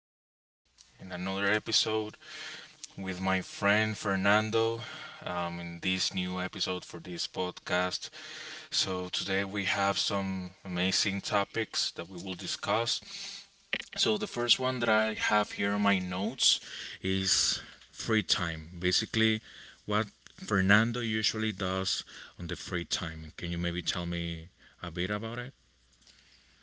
here in another episode with my friend Fernando in this new episode for this podcast. So, today we have some amazing topics that we will discuss. So, the first one that I have here on my notes is free time. Basically, what Fernando usually does on the free time. Can you maybe tell me a bit about it?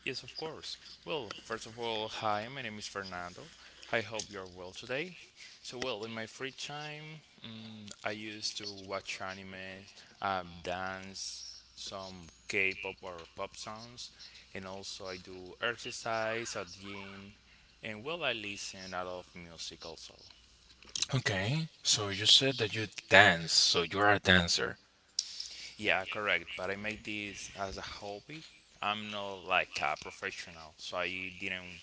Yes, of course. Well, first of all, hi, my name is Fernando. I hope you're well today. So, well, in my free time, I used to watch anime, dance, some K pop or pop songs, and also I do exercise at the gym, and well, I listen a lot of music also. Okay, so you said that you dance, so you're a dancer. Yeah, correct. But I made this as a hobby. I'm not like a professional, so I didn't.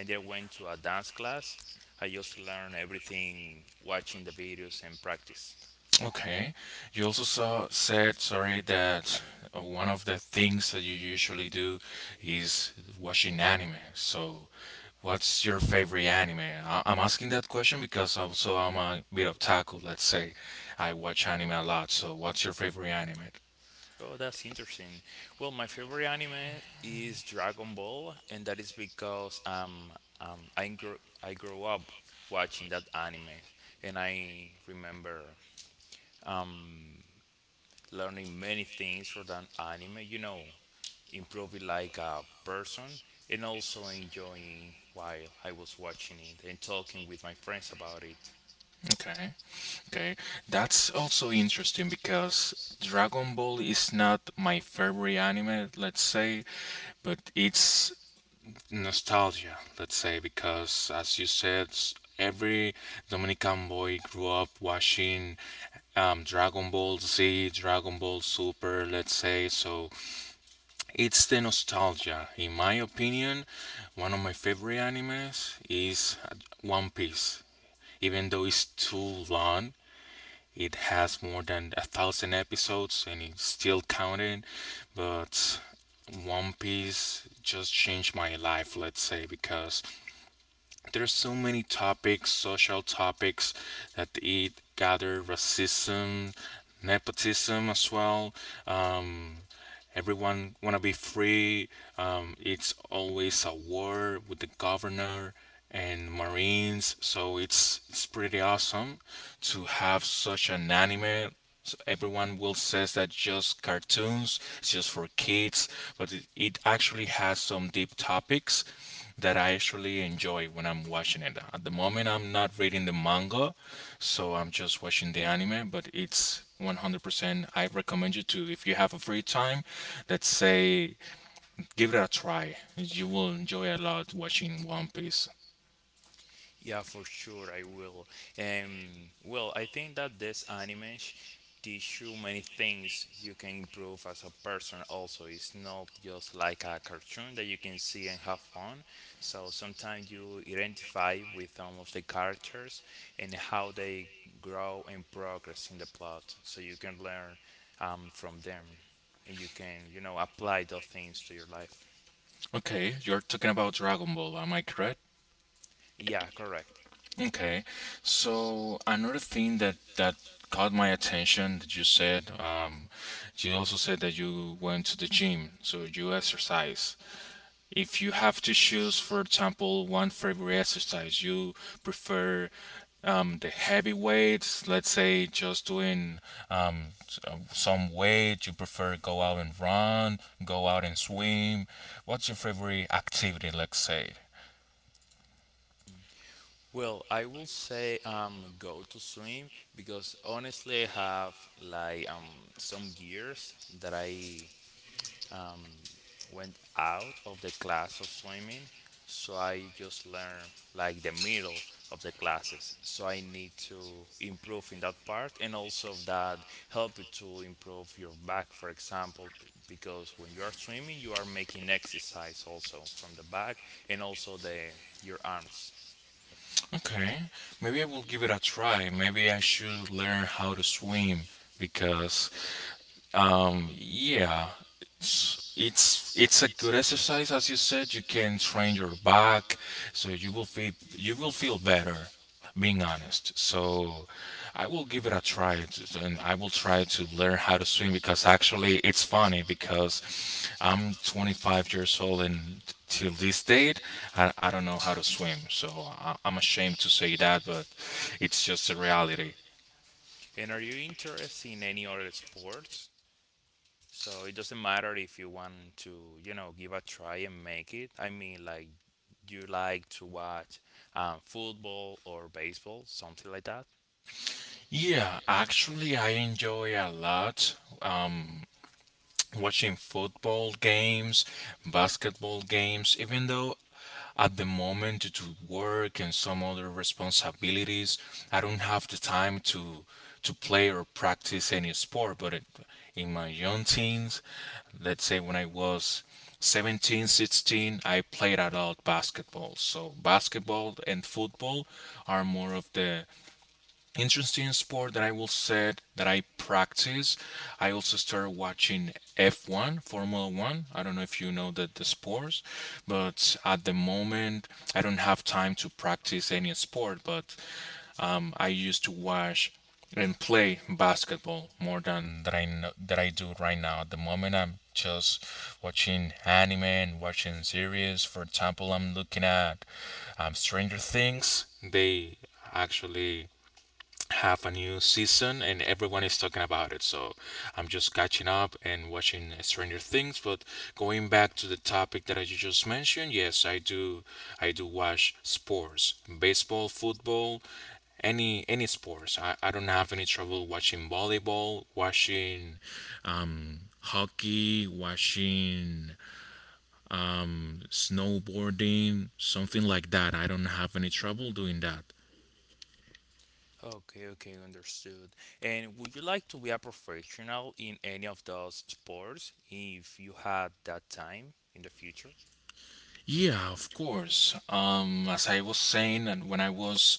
I didn't went to a dance class. I just learned everything watching the videos and practice. Okay. You also said, sorry, that one of the things that you usually do is watching anime. So, what's your favorite anime? I'm asking that question because also I'm a bit of taco, let's say. I watch anime a lot. So, what's your favorite anime? Oh, that's interesting. Well, my favorite anime is Dragon Ball, and that is because um I grew I grew up watching that anime, and I remember um learning many things from that anime. You know, improving like a person and also enjoying while I was watching it and talking with my friends about it. Okay. Okay. That's also interesting because Dragon Ball is not my favorite anime, let's say, but it's nostalgia, let's say, because as you said, every Dominican boy grew up watching Dragon Ball Z, Dragon Ball Super, let's say. So it's the nostalgia. In my opinion, one of my favorite animes is One Piece. Even though it's too long, it has more than a thousand episodes and it's still counting, but one Piece just changed my life, let's say, because there's so many topics, social topics that it gather racism, nepotism as well. Um, Everyone wanna be free. It's always a war with the governor and Marines, so it's pretty awesome to have such an anime. So everyone will says that just cartoons, it's just for kids, but it actually has some deep topics that I actually enjoy when I'm watching it. At the moment, I'm not reading the manga, so I'm just watching the anime, but it's 100%. I recommend you to, if you have a free time, let's say, give it a try. You will enjoy a lot watching One Piece. Yeah, for sure, I will. Well, I think that this anime teach you many things you can improve as a person. Also, it's not just like a cartoon that you can see and have fun. So sometimes you identify with some of the characters and how they grow and progress in the plot. So you can learn from them, and you can you know apply those things to your life. Okay, you're talking about Dragon Ball, am I correct? Yeah, correct. Okay, so another thing that caught my attention that you said, you also said that you went to the gym, so you exercise. If you have to choose, for example, one favorite exercise, you prefer the heavy weights, let's say just doing some weight, you prefer go out and run, go out and swim. What's your favorite activity, let's say? Well, I will say go to swim because honestly I have like some years that I um went out of the class of swimming, so I just learn like the middle of the classes. So I need to improve in that part, and also that help you to improve your back, for example, because when you are swimming you are making exercise also from the back and also the your arms. Okay, maybe I will give it a try. Maybe I should learn how to swim because yeah, it's a good exercise, as you said. You can train your back, so you will feel better. Being honest, so I will give it a try, and I will try to learn how to swim because actually it's funny because I'm 25 years old and till this date I don't know how to swim, so I'm ashamed to say that, but it's just a reality. And are you interested in any other sports? So it doesn't matter if you want to, you know, give a try and make it. I mean, like, do you like to watch football or baseball, something like that? Yeah, actually, I enjoy a lot um, watching football games, basketball games, even though at the moment due to work and some other responsibilities, I don't have the time to play or practice any sport. But in my young teens, let's say when I was 17, 16, I played a lot basketball. So basketball and football are more of the interesting sport that I will say that I practice. I also started watching F1, Formula One. I don't know if you know that the sports, but at the moment I don't have time to practice any sport, but I used to watch and play basketball more than that I know, that I do right now. At the moment, I'm just watching anime and watching series. For example, I'm looking at Stranger Things. They actually have a new season and everyone is talking about it. So I'm just catching up and watching Stranger Things. But going back to the topic that I just mentioned, yes, I do. I do watch sports, baseball, football, any sports. I don't have any trouble watching volleyball, watching hockey, watching snowboarding, something like that. I don't have any trouble doing that. Okay, okay, understood. And would you like to be a professional in any of those sports if you had that time in the future? Yeah, of course. As I was saying, and when I was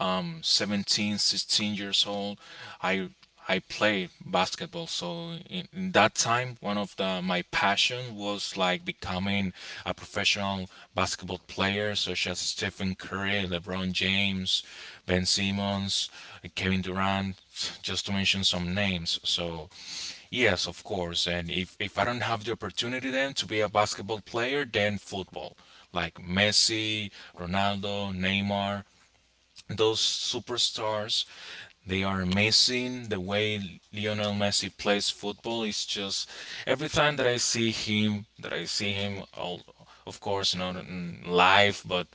17, 16 years old, I I played basketball. So in that time, one of the my passion was like becoming a professional basketball player, such as Stephen Curry, LeBron James, Ben Simmons, Kevin Durant, just to mention some names. So. Yes, of course. And if I don't have the opportunity then to be a basketball player, then football. Like Messi, Ronaldo, Neymar, those superstars, they are amazing. The way Lionel Messi plays football is just every time that I see him, all of course not in live but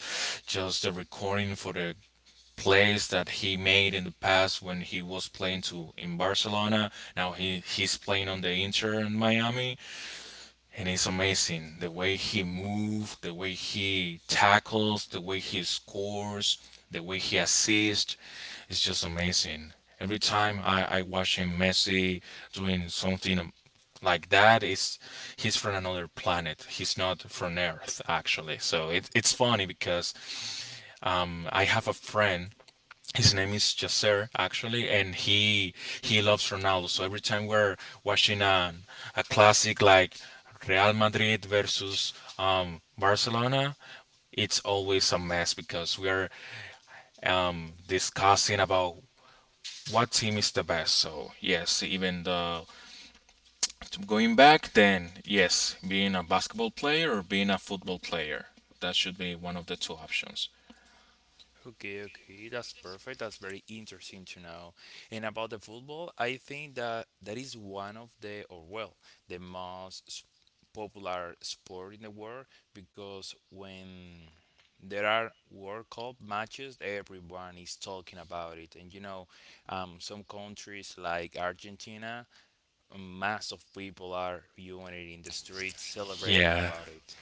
just the recording for the plays that he made in the past when he was playing to in Barcelona. Now he's playing on the Inter in Miami, and it's amazing the way he moves, the way he tackles, the way he scores, the way he assists. It's just amazing. Every time I watch him, Messi doing something like that is he's from another planet, he's not from earth actually. So it's funny because I have a friend, his name is Yasser actually, and he loves Ronaldo. So every time we're watching a classic like Real Madrid versus Barcelona, it's always a mess because we are discussing about what team is the best. So yes, even the going back, then yes, being a basketball player or being a football player, that should be one of the two options. Okay, okay, that's perfect. That's very interesting to know. And about the football, I think that that is one of the, or well, the most popular sport in the world, because when there are World Cup matches, everyone is talking about it. And you know, some countries like Argentina, mass of people are viewing it in the streets, celebrating Yeah, about it.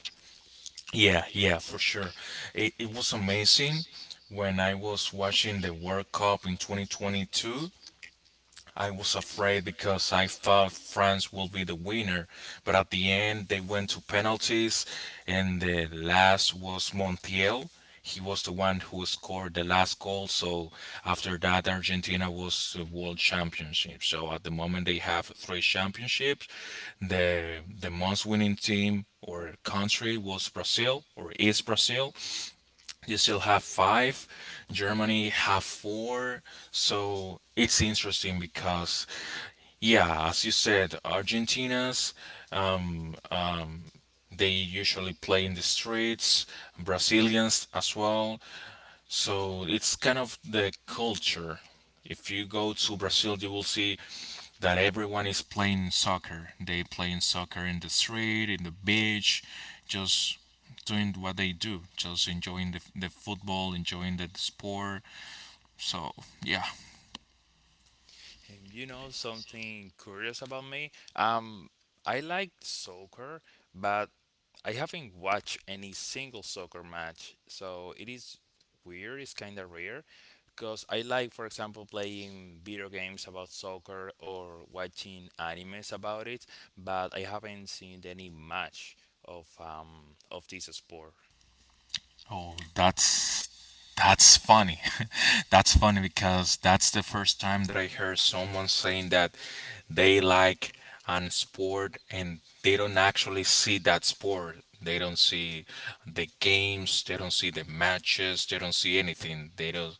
yeah, yeah, for sure. It was amazing when I was watching the World Cup in 2022. I was afraid because I thought France will be the winner, but at the end they went to penalties, and the last was Montiel. He was the one who scored the last goal. So after that, Argentina was the world championship. So at the moment, they have three championships. The most winning team or country was Brazil or is Brazil, you still have five. Germany have four. So it's interesting because, yeah, as you said, Argentinians um, they usually play in the streets. Brazilians as well. So it's kind of the culture. If you go to Brazil, you will see that everyone is playing soccer. They playing soccer in the street, in the beach, just doing what they do, just enjoying the football, enjoying the sport. So yeah. And you know something curious about me? I like soccer, but I haven't watched any single soccer match, so it is weird. It's kind of rare, because I like, for example, playing video games about soccer or watching animes about it, but I haven't seen any match of this sport. Oh, that's funny. That's funny because that's the first time that I heard someone saying that they like an sport and they don't actually see that sport. They don't see the games, they don't see the matches, they don't see anything. They don't.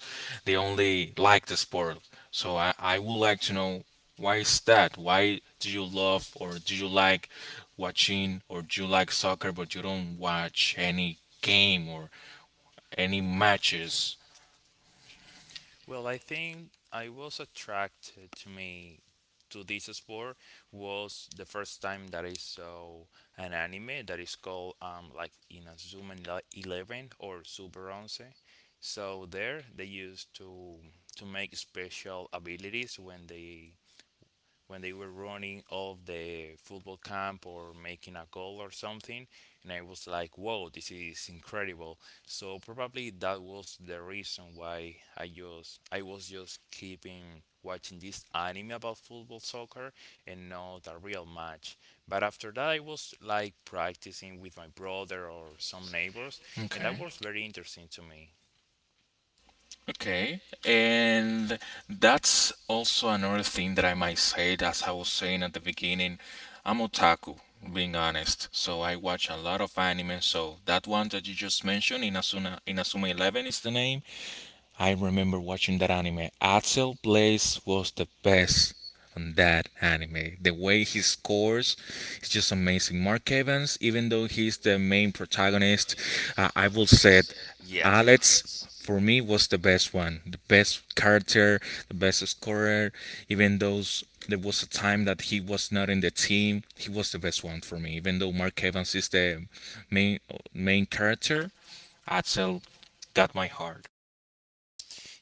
They only like the sport. So I would like to know why is that? Why do you love or do you like watching or do you like soccer but you don't watch any game or any matches. Well, I think I was attracted to me to this sport was the first time that I saw an anime that is called like in a Zoom Eleven or Super Once. So there they used to make special abilities when they were running off the football camp or making a goal or something, and I was like, whoa, this is incredible. So probably that was the reason why I was just keeping watching this anime about football soccer and not a real match, but after that I was like practicing with my brother or some neighbors, and that Okay. was very interesting to me. Okay. And that's also another thing that I might say, as I was saying at the beginning, I'm otaku, being honest. So I watch a lot of anime. So that one that you just mentioned, Inazuma 11 is the name. I remember watching that anime. Axel Blaze was the best on that anime. The way he scores is just amazing. Mark Evans, even though he's the main protagonist, I will say it, Yeah. Alex for me was the best one, the best character, the best scorer. Even though there was a time that he was not in the team, he was the best one for me. Even though Mark Evans is the main main character, Axel got my heart.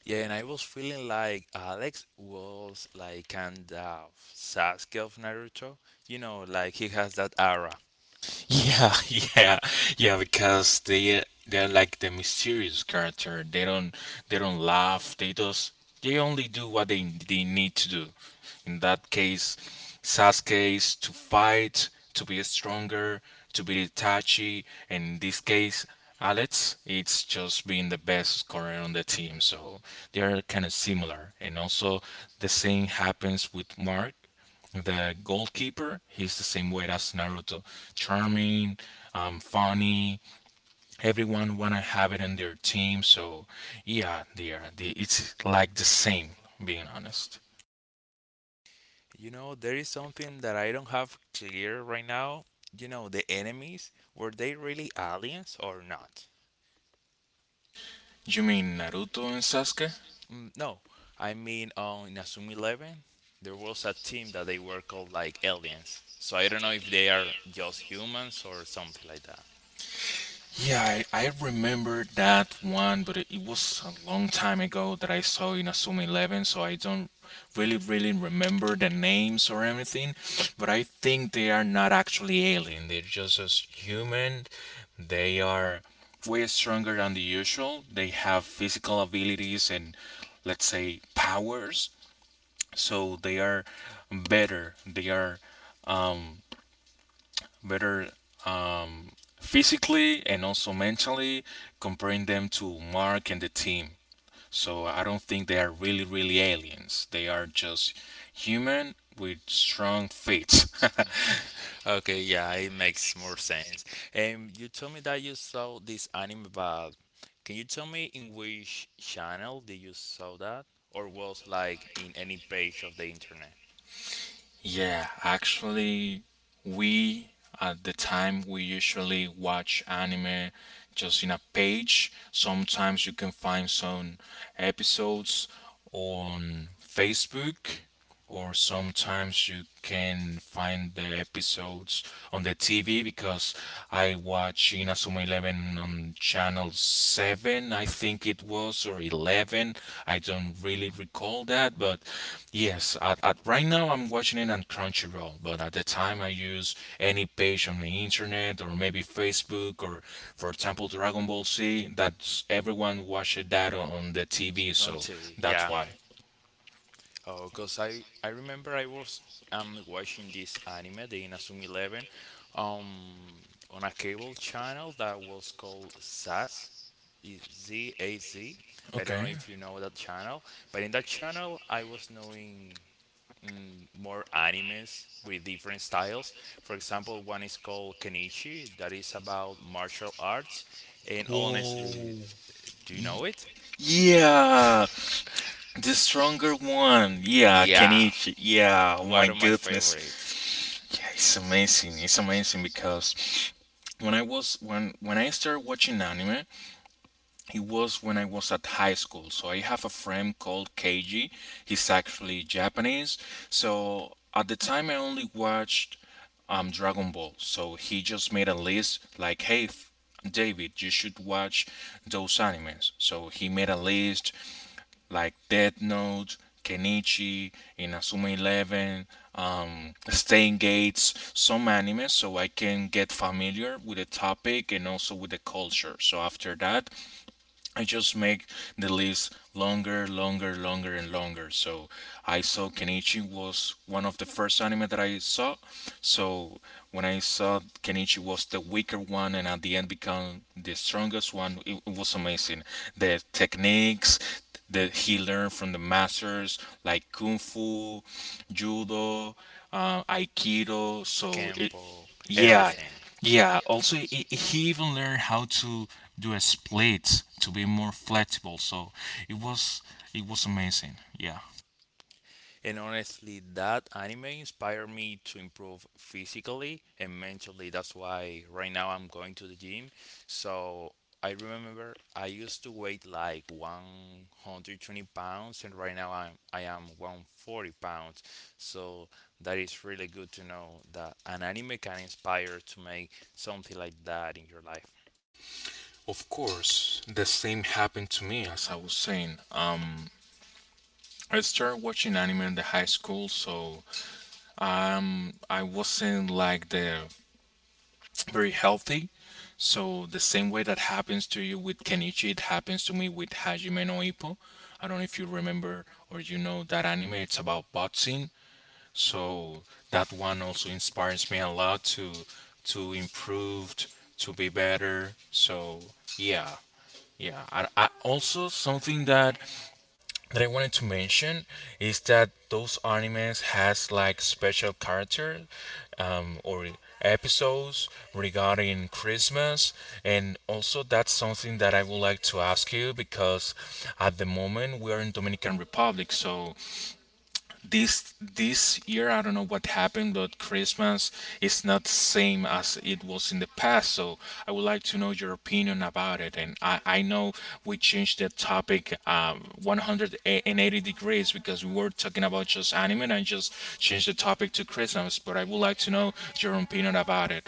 Yeah, and I was feeling like Alex was like kind of Sasuke of Naruto. You know, like he has that aura. Yeah, yeah, yeah, because they're like the mysterious character. They don't laugh. They only do what they need to do. In that case, Sasuke is to fight, to be stronger, to be Itachi, and in this case, Alex, it's just being the best scorer on the team. So they are kind of similar, and also the same happens with Mark the goalkeeper, he's the same way as Naruto. Charming, funny. Everyone wanna have it in their team. So yeah, they are. They, it's like the same. Being honest. You know, there is something that I don't have clear right now. You know, the enemies, were they really aliens or not? You mean Naruto and Sasuke? Mm, no, I mean, on in Asumi 11, there was a team that they were called like aliens. So I don't know if they are just humans or something like that. Yeah, I remember that one, but it was a long time ago that I saw in a Asuma 11, so I don't really, really remember the names or anything. But I think they are not actually alien, they're just as human. They are way stronger than the usual. They have physical abilities and, let's say, powers, so they are better. They are. Um, better um, physically and also mentally, comparing them to Mark and the team. So I don't think they are really, really aliens. They are just human with strong feet. Okay, yeah, it makes more sense. And you told me that you saw this anime, but can you tell me in which channel did you saw that, or was like in any page of the internet Yeah, actually, we at the time we usually watch anime just in a page. Sometimes you can find some episodes on Facebook, or sometimes you can find the episodes on the TV because I watch Inazuma 11 on channel 7, I think it was, or 11. I don't really recall that, but yes, at right now I'm watching it on Crunchyroll, but at the time I use any page on the internet, or maybe Facebook, or for example Dragon Ball Z, that's everyone watched that on the TV. on So TV? that's Yeah. why. Oh, cause I remember I was watching this anime, the Inazuma Eleven, um on a cable channel that was called Zaz, ZAZ. I don't know Okay. if you know that channel, but in that channel I was knowing more animes with different styles. For example, one is called Kenichi, that is about martial arts. And honestly, Whoa. do you Y- know it? yeah, the stronger one, yeah, Yeah, Kenichi, yeah, oh my one of my goodness. favorite. Yeah, it's amazing. It's amazing because when I started watching anime, it was when I was at high school. So I have a friend called K G. He's actually Japanese. So at the time, I only watched Dragon Ball. So he just made a list like, hey. David, you should watch those animes. So he made a list like Death Note, Kenichi, Inazuma 11, Stain Gates, some anime, so I can get familiar with the topic and also with the culture. So after that, I just make the list longer, longer, longer, and longer. So I saw Kenichi was one of the first anime that I saw. So when I saw Kenichi was the weaker one and at the end become the strongest one, it was amazing. The techniques that he learned from the masters like kung fu, judo, aikido. So it, Kempo, yeah, everything. yeah. Also, he even learned how to do a split to be more flexible. So it was it was amazing. Yeah. And honestly, that anime inspired me to improve physically and mentally. That's why right now I'm going to the gym. So I remember I used to weight like 120 pounds, and right now I am 140 pounds. So that is really good to know that an anime can inspire to make something like that in your life. Of course, the same happened to me as I was saying. I started watching anime in the high school, so I wasn't like the very healthy. So the same way that happens to you with Kenichi, it happens to me with Hajime no Ippo. I don't know if you remember or you know that anime. It's about boxing. So that one also inspires me a lot to to improve, to be better. So yeah, yeah. I also something that I wanted to mention is that those animes has like special character or episodes regarding Christmas, and also that's something that I would like to ask you because at the moment we are in Dominican Republic. So this year I don't know what happened, but Christmas is not the same as it was in the past. So I would like to know your opinion about it. And I know we changed the topic 180 degrees because we were talking about just anime and just changed the topic to Christmas, but I would like to know your opinion about it.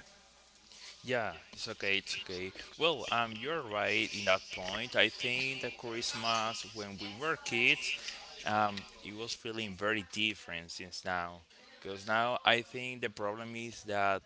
Yeah, it's okay, it's okay. Well, you're right in that point. I think that Christmas when we were kids, it was feeling very different since now. Because now I think the problem is that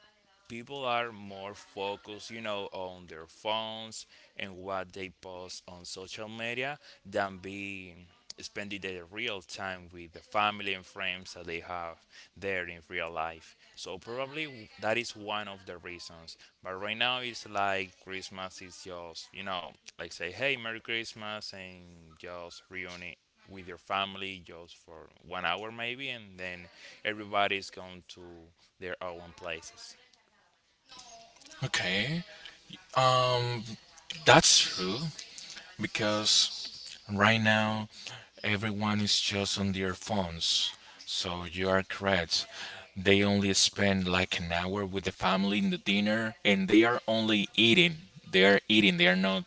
people are more focused, you know, on their phones and what they post on social media than being spending their real time with the family and friends that they have there in real life. So probably that is one of the reasons. But right now it's like Christmas is just, you know, like say, hey, Merry Christmas, and just reunion with your family just for one hour maybe, and then everybody's going to their own places. Okay. Um. That's true. Because right now, everyone is just on their phones. So you are correct. They only spend like an hour with the family in the dinner, and they are only eating. They are eating. They are not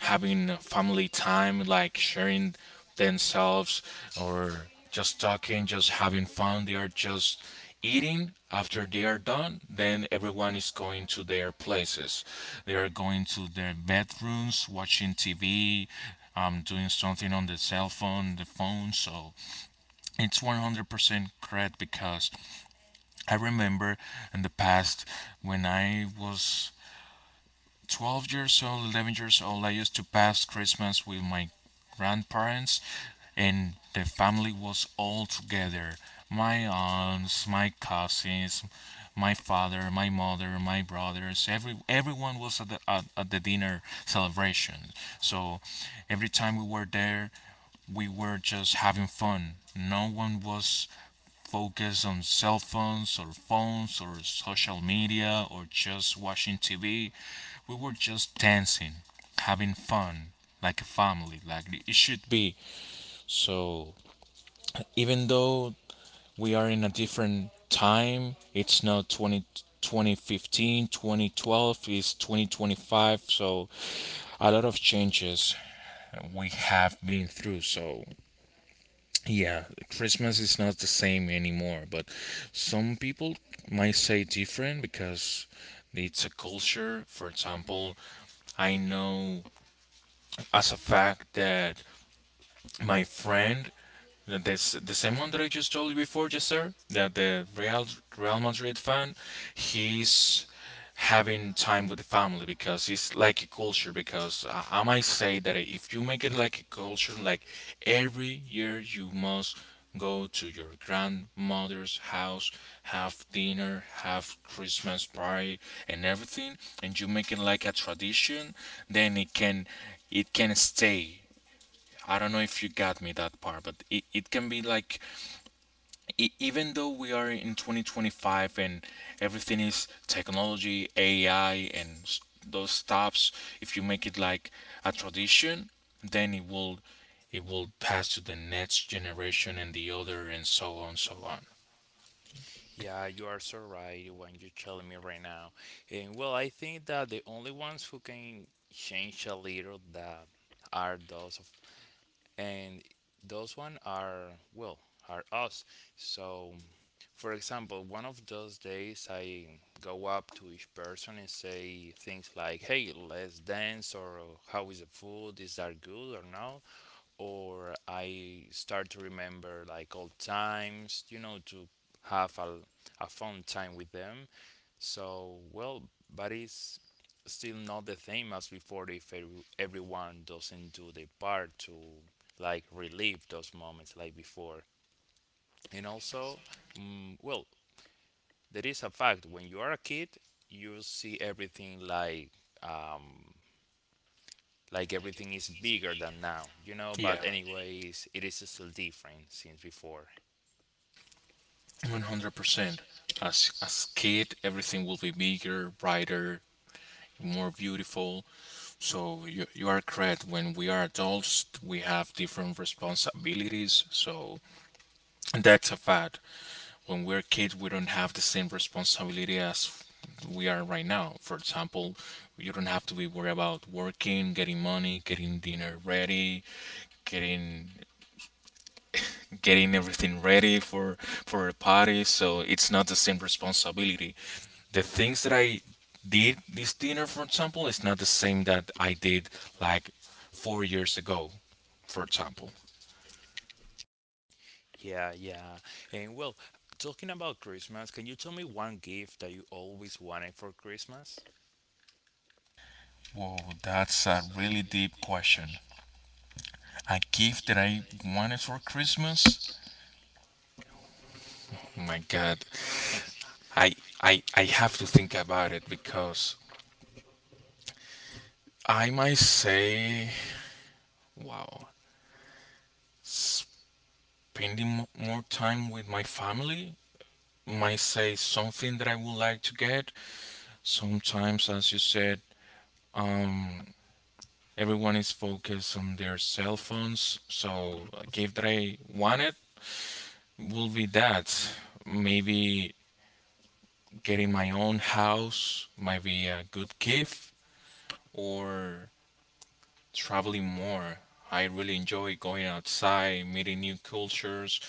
having a family time, like sharing themselves or just talking, just having fun. They are just eating. After they are done, then everyone is going to their places. They are going to their bedrooms, watching TV, doing something on the cell phone, the phone. So it's 100% correct, because I remember in the past when I was 12 years old, 11 years old, I used to pass Christmas with my grandparents, and the family was all together. My aunts, my cousins, my father, my mother, my brothers, everyone was at the at the dinner celebration. So every time we were there, we were just having fun. No one was focused on cell phones or phones or social media or just watching TV. We were just dancing, having fun, like a family, like it should be. So, even though we are in a different time, it's now 20, 2015, 2012, it's 2025. So, a lot of changes we have been through. So, yeah, Christmas is not the same anymore, but some people might say different because it's a culture. For example, I know as a fact that my friend, the the same one that I just told you before, just sir, that the Real Madrid fan, he's having time with the family because it's like a culture. Because I might say that if you make it like a culture, like every year you must go to your grandmother's house, have dinner, have Christmas party, and everything, and you make it like a tradition, then it can stay. I don't know if you got me that part, but it can be like, even though we are in 2025 and everything is technology, AI, and those stuffs, if you make it like a tradition, then it will pass to the next generation and the other and so on so on. Yeah, you are so right when you're telling me right now. And well, I think that the only ones who can change a little that are those of, and those one are well are us. So, for example, one of those days I go up to each person and say things like, "Hey, let's dance," or "How is the food? Is that good or no?" or I start to remember like old times, you know, to have a fun time with them. So, well, but it's still not the same as before if everyone doesn't do their part to like relive those moments like before. And also, well, there is a fact when you are a kid, you see everything um, like everything is bigger than now, you know. Yeah, But anyways, it is still different since before. 100%. As kid, everything will be bigger, brighter, more beautiful. So you are correct. When we are adults, we have different responsibilities. So that's a fact. When we're kids, we don't have the same responsibility as we are right now. For example, you don't have to be worried about working, getting money, getting dinner ready, getting getting everything ready for a party. So it's not the same responsibility. The things that I did this dinner, for example, is not the same that I did like 4 years ago. For example? Yeah, yeah. And well, talking about Christmas, can you tell me one gift that you always wanted for Christmas? Whoa, that's a really deep question. A gift that I wanted for Christmas? Oh my God, I I have to think about it because I might say, wow, spending more time with my family might say something that I would like to get. Sometimes, as you said, um, everyone is focused on their cell phones, so a gift that I wanted will be that. Maybe getting my own house might be a good gift, or traveling more. I really enjoy going outside, meeting new cultures.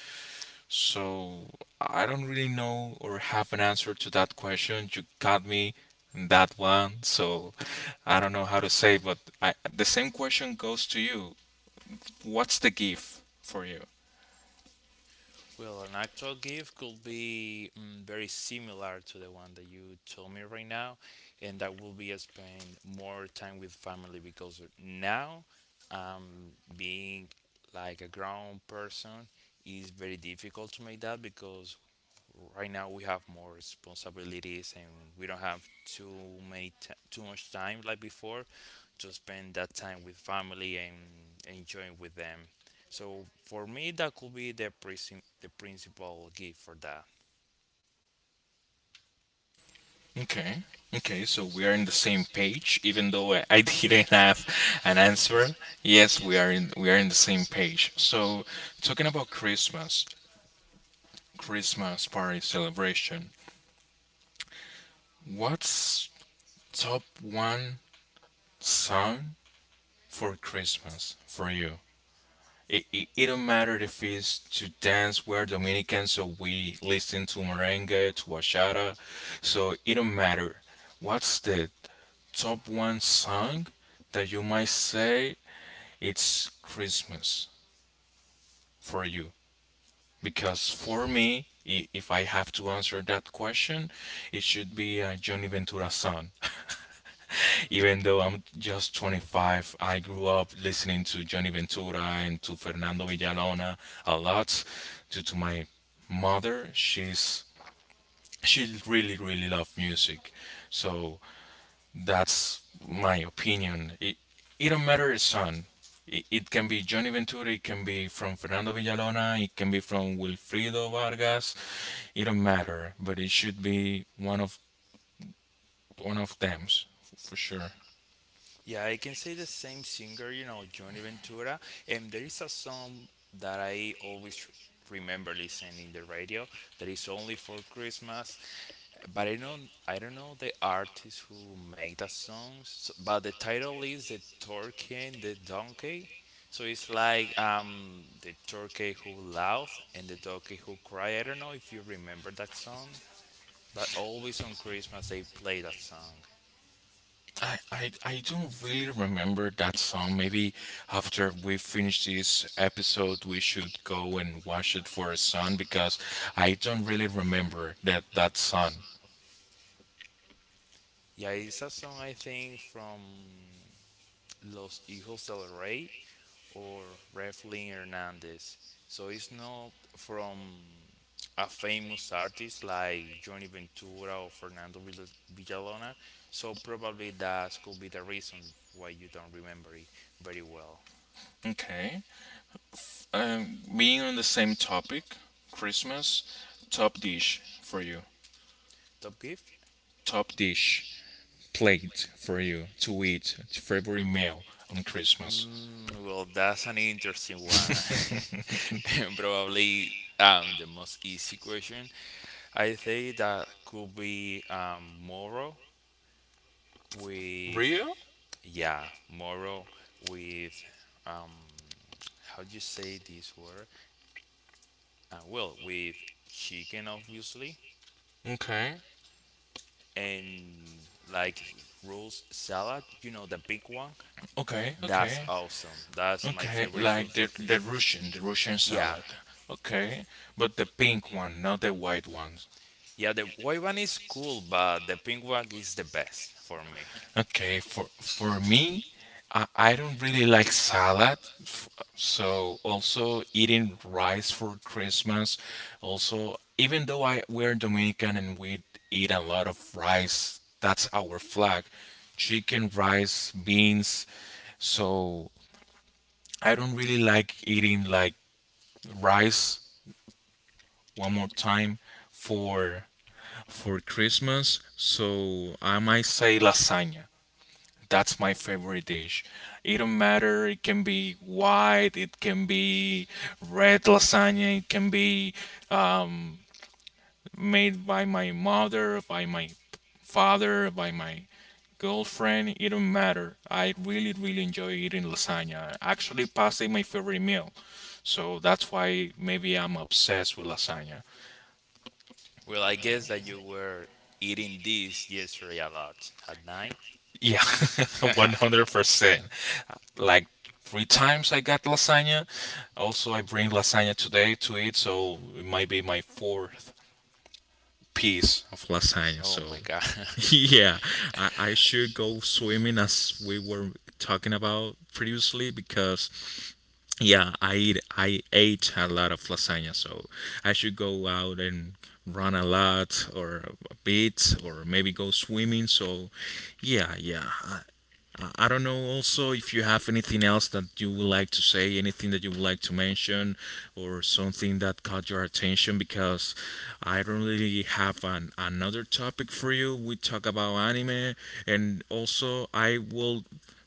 So I don't really know or have an answer to that question. You got me in that one. So I don't know how to say, but the same question goes to you. What's the gift for you? Well, an actual gift could be very similar to the one that you told me right now, and that will be spend more time with family, because now, um, being like a grown person is very difficult to make that, because right now we have more responsibilities and we don't have too much time like before to spend that time with family and enjoying with them. So for me, that could be the principal gift for that. Okay. Okay, so we are in the same page, even though I didn't have an answer. Yes, we are in the same page. So, talking about Christmas, Christmas party celebration. What's top one song for Christmas for you? It don't matter if it's to dance. We're Dominican, so we listen to merengue, to bachata. So it don't matter. What's the top one song that you might say it's Christmas for you? Because for me, if I have to answer that question, it should be a Johnny Ventura song. Even though I'm just 25, I grew up listening to Johnny Ventura and to Fernando Villalona a lot due to my mother. She really really loved music. So that's my opinion. It don't matter the son. It can be Johnny Ventura, it can be from Fernando Villalona, it can be from Wilfrido Vargas. It don't matter, but it should be one of them for sure. Yeah, I can say the same singer, you know, Johnny Ventura. And there is a song that I always remember listening in the radio that is only for Christmas, but I don't know the artist who make the songs. So, but the title is the Turkey and the Donkey. So it's like the turkey who laughs and the donkey who cry. I don't know if you remember that song, but always on Christmas they play that song. I don't really remember that song. Maybe after we finish this episode, we should go and watch it for a song because I don't really remember that song. Yeah, it's a song I think from Los Hijos del Rey or Rafael Hernandez. So it's not from a famous artist like Johnny Ventura or Villalona. So probably that could be the reason why you don't remember it very well. Okay. Being on the same topic, Christmas, top dish for you, Top gift? top dish plate for you to eat, favorite meal on Christmas. Mm, well, that's an interesting one. And probably the most easy question. I think that could be Moro with, Real? yeah, moral with, um, how do you say this word? Well, with chicken, obviously, Okay, and like rolls salad. You know the big one. okay, That's okay, awesome. That's my okay. favorite food Like for Christmas. The Russian Yeah, salad. Okay, but the pink one, not the white one. yeah. The white one is cool, but the pink one is the best for me. Okay, for me, I don't really like salad. f- So also eating rice for Christmas. Also, even though I we're Dominican and we eat a lot of rice, that's our flag. Chicken, rice, beans. So I don't really like eating like rice one more time for Christmas. So I might say lasagna. That's my favorite dish. It don't matter. It can be white. It can be red lasagna. It can be um, made by my mother, by my father, by my girlfriend. It don't matter. I really, really enjoy eating lasagna. Actually, pasta is my favorite meal, so that's why maybe I'm obsessed with lasagna. Well, I guess that you were eating this yesterday a lot at night. Yeah, 100%. Like three times I got lasagna. Also, I bring lasagna today to eat, so it might be my fourth piece of lasagna. Oh So, my god. yeah, I should go swimming as we were talking about previously because, yeah, I ate a lot of lasagna, so I should go out and run a lot or a bit or maybe go swimming. So, yeah, yeah, I don't know also if you have anything else that you would like to say, anything that you would like to mention, or something that caught your attention, because I don't really have another topic for you. We talk about anime, and also I will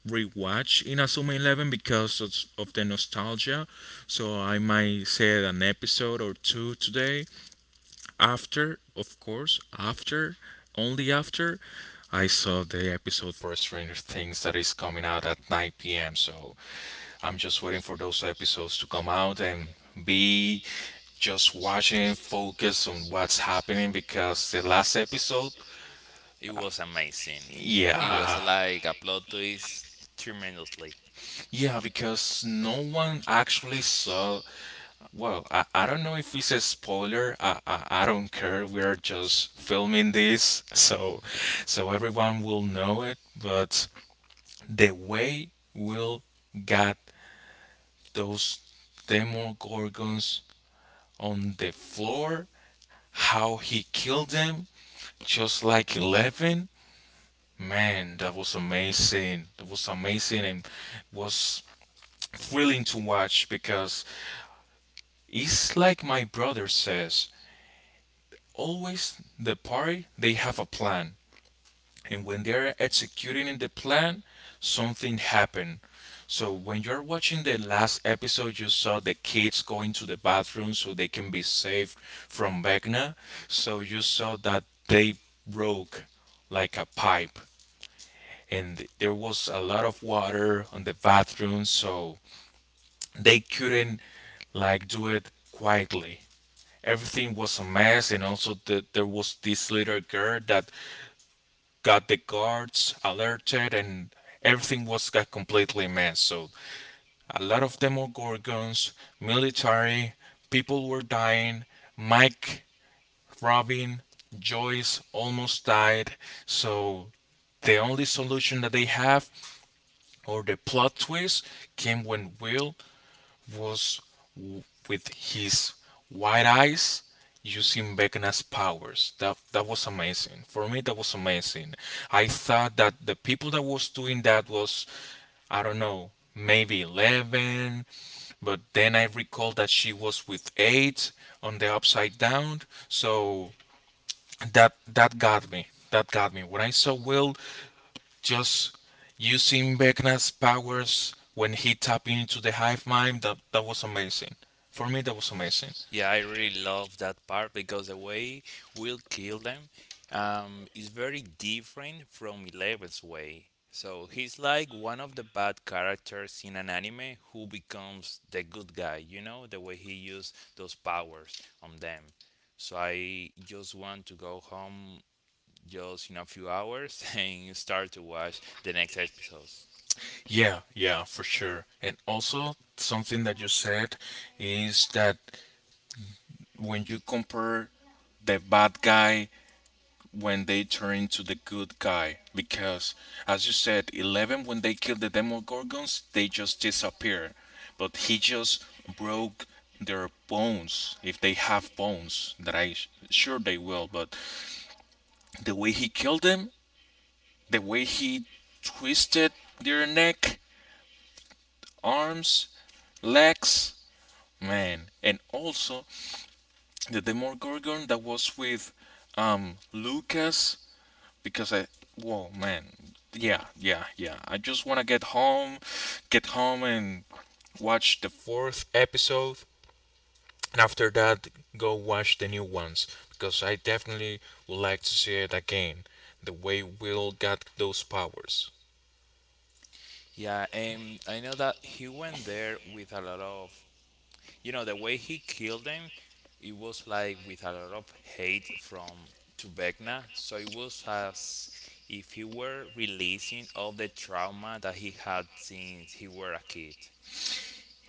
rewatch Inazuma Eleven because of the nostalgia. So I might say an episode or two today after, of course, only after, I saw the episode for Stranger Things that is coming out at 9 p.m. So I'm just waiting for those episodes to come out and be just watching and focus on what's happening because the last episode. It was amazing. It was Yeah, like a plot twist tremendously. yeah, because no one actually saw. Well, I don't know if it's a spoiler. I don't care. We're just filming this, so everyone will know it. But the way Will got those Demogorgons on the floor, how he killed them, just like Eleven, man, that was amazing. That was amazing and was thrilling to watch because it's like my brother says, always the party, they have a plan, and when they're executing in the plan, something happened. So when you're watching the last episode, you saw the kids going to the bathroom so they can be saved from Vecna. So you saw that they broke like a pipe and there was a lot of water on the bathroom, so they couldn't like do it quietly. Everything was a mess, and also there was this little girl that got the guards alerted, and everything was got completely messed. So a lot of Demogorgons, military, people were dying. Mike, Robin, Joyce almost died. So the only solution that they have or the plot twist came when Will was w- with his white eyes using Vecna's powers. That was amazing. For me, that was amazing. I thought that the people that was doing that was, I don't know, maybe Eleven, but then I recall that she was with Eight on the upside down. So that got me. That got me. When I saw Will just using Vecna's powers when he tapped into the hive mind, that was amazing. For me, that was amazing. Yeah, I really love that part because the way Will kill them is very different from Eleven's way. So he's like one of the bad characters in an anime who becomes the good guy, you know, the way he used those powers on them. So I just want to go home just in a few hours and start to watch the next episodes. Yeah, yeah, for sure. And also something that you said is that when you compare the bad guy when they turn into the good guy, because as you said, Eleven, when they killed the Demogorgons, they just disappear, but he just broke their bones. If they have bones, that I sure they will. But the way he killed them, the way he twisted their neck, arms, legs, man. And also the Demogorgon that was with Lucas, because whoa, man. Yeah, yeah, yeah. I just want to get home and watch the fourth episode, and after that, go watch the new ones because I definitely would like to see it again. The way Will got those powers. Yeah, and I know that he went there with a lot of, you know, the way he killed them, it was like with a lot of hate from to Tubekna. So it was as if he were releasing all the trauma that he had since he were a kid.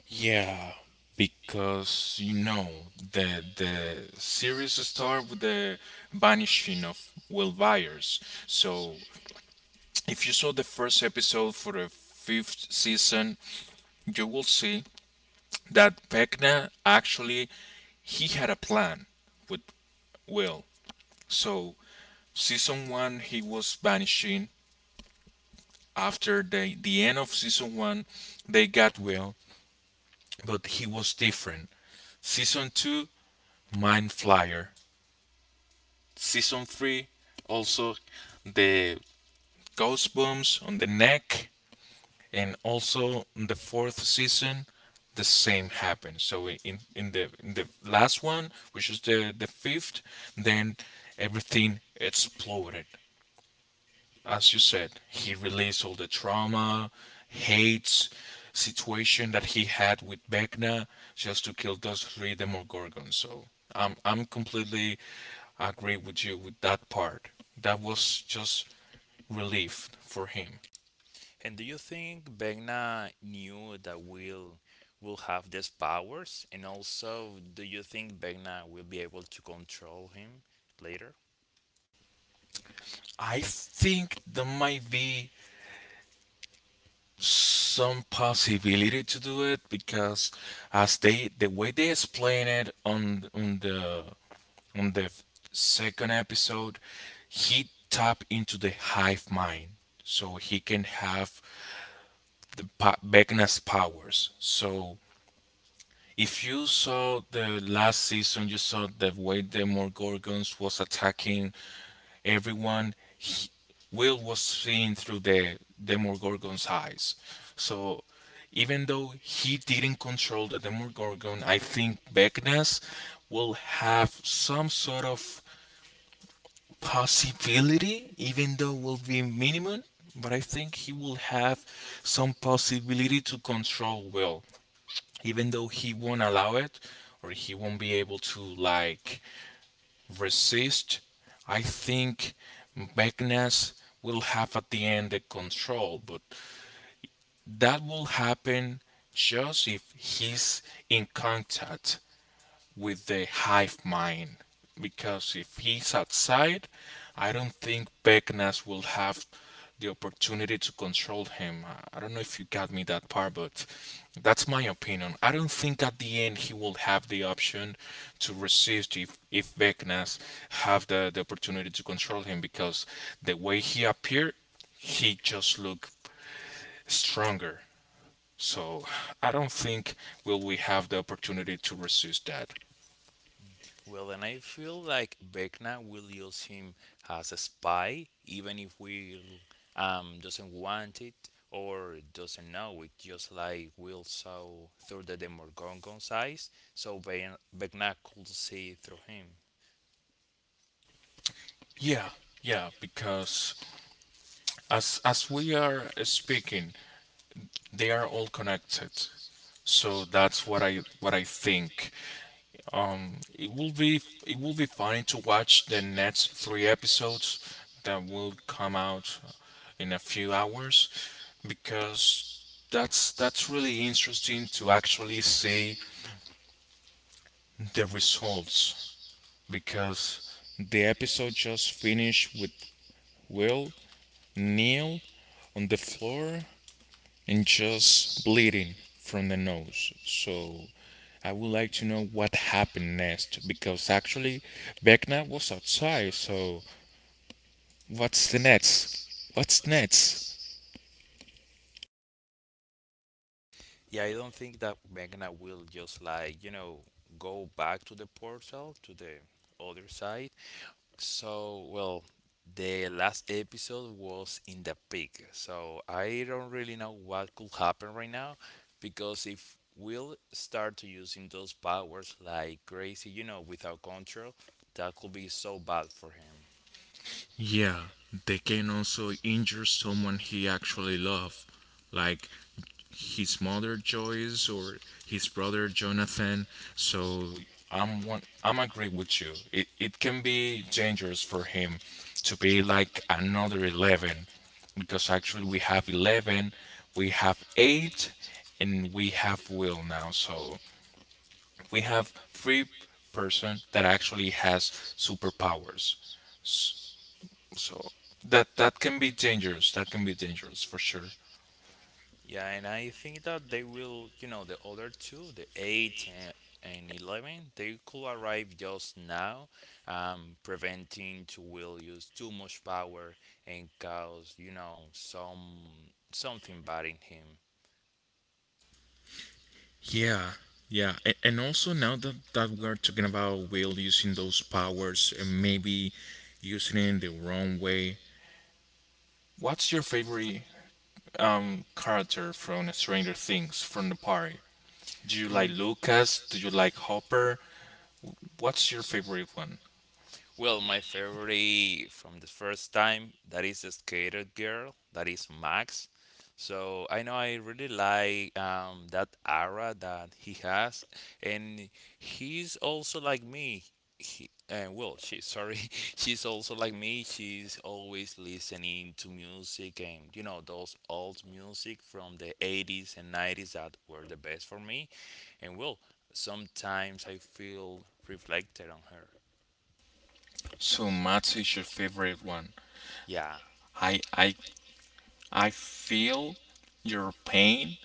Yeah, because you know the series start with the vanishing of Will Byers. So if you saw the first episode for the fifth season, you will see that Vecna actually he had a plan with Will. So season one he was vanishing. After the end of season one, they got Will, but he was different. Season two, Mind Flyer. Season three, also the ghost booms on the neck. And also in the fourth season, the same happened. So in the last one, which is the fifth, then everything exploded. As you said, he released all the trauma, hates, situation that he had with Vecna, just to kill those three Demogorgons. So I'm completely agree with you with that part. That was just relief for him. And do you think Vecna knew that will have these powers? And also, do you think Vecna will be able to control him later? I think that might be some possibility to do it because as they the way they explain it on the second episode, he tap into the hive mind so he can have Vecna's powers. So if you saw the last season, you saw the way the Morgorgons was attacking everyone. Will was seeing through the Demogorgon's eyes. So even though he didn't control the Demogorgon, I think Vecna's will have some sort of possibility, even though will be minimum. But I think he will have some possibility to control Will, even though he won't allow it, or he won't be able to like resist. I think Magnus will have at the end the control, but that will happen just if he's in contact with the hive mind, because if he's outside, I don't think Beckness will have the opportunity to control him. I don't know if you got me that part, but that's my opinion. I don't think at the end he will have the option to resist, if Beckness have the opportunity to control him, because the way he appeared, he just looked stronger. So I don't think will we have the opportunity to resist that. Well, and I feel like Vecna will use him as a spy, even if we doesn't want it or doesn't know it, just like Will saw through the Demogorgon's eyes, so Vecna could see through him. Yeah, yeah, because as we are speaking, they are all connected. So that's what I think. It will be it will be funny to watch the next three episodes that will come out in a few hours because that's really interesting to actually see the results, because the episode just finished with Will kneel on the floor and just bleeding from the nose. So I would like to know what happened next because actually Vecna was outside. So what's the next? What's next? Yeah, I don't think that Vecna will just like, you know, go back to the portal to the other side. So, well, the last episode was in the peak, so I don't really know what could happen right now because if we'll start to using those powers like crazy, you know, without control, that could be so bad for him. Yeah, they can also injure someone he actually loved, like his mother Joyce or his brother Jonathan. So I'm agree with you. It can be dangerous for him to be like another Eleven, because actually we have Eleven, we have Eight, and we have Will now. So we have three person that actually has superpowers. S- So that can be dangerous. That can be dangerous for sure. Yeah, and I think that they will, you know, the other two, the 8 and 11, they could arrive just now, preventing to will use too much power and cause, you know, something bad in him. Yeah, yeah, and also now that we're talking about Will using those powers and maybe using it in the wrong way, what's your favorite character from Stranger Things from the party? Do you like Mm. Lucas? Do you like Hopper? What's your favorite one? Well, my favorite from the first time that is the skater girl, that is Max. So I know I really like that aura that he has, and he's also like me. He well, she sorry, she's also like me. She's always listening to music and you know those old music from the 80s and 90s that were the best for me. And well, sometimes I feel reflected on her. So Matt is your favorite one. Yeah. I I I feel your pain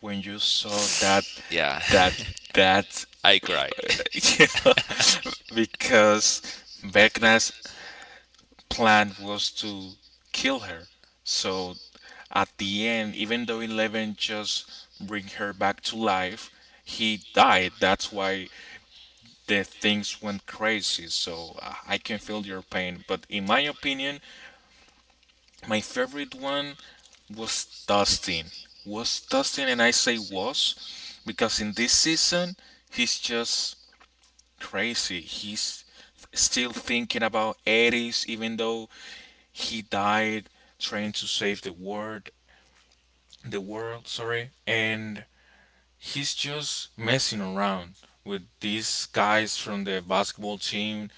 when you saw Yeah. that that. I cried. Yeah, because Vecna's plan was to kill her. So at the end, even though Eleven just bring her back to life, he died. That's why the things went crazy. So I can feel your pain, but in my opinion, my favorite one was Dustin. Was Dustin, and I say was because in this season he's just crazy. He's still thinking about 80s, even though he died trying to save the world. The world, sorry. And he's just messing around with these guys from the basketball team.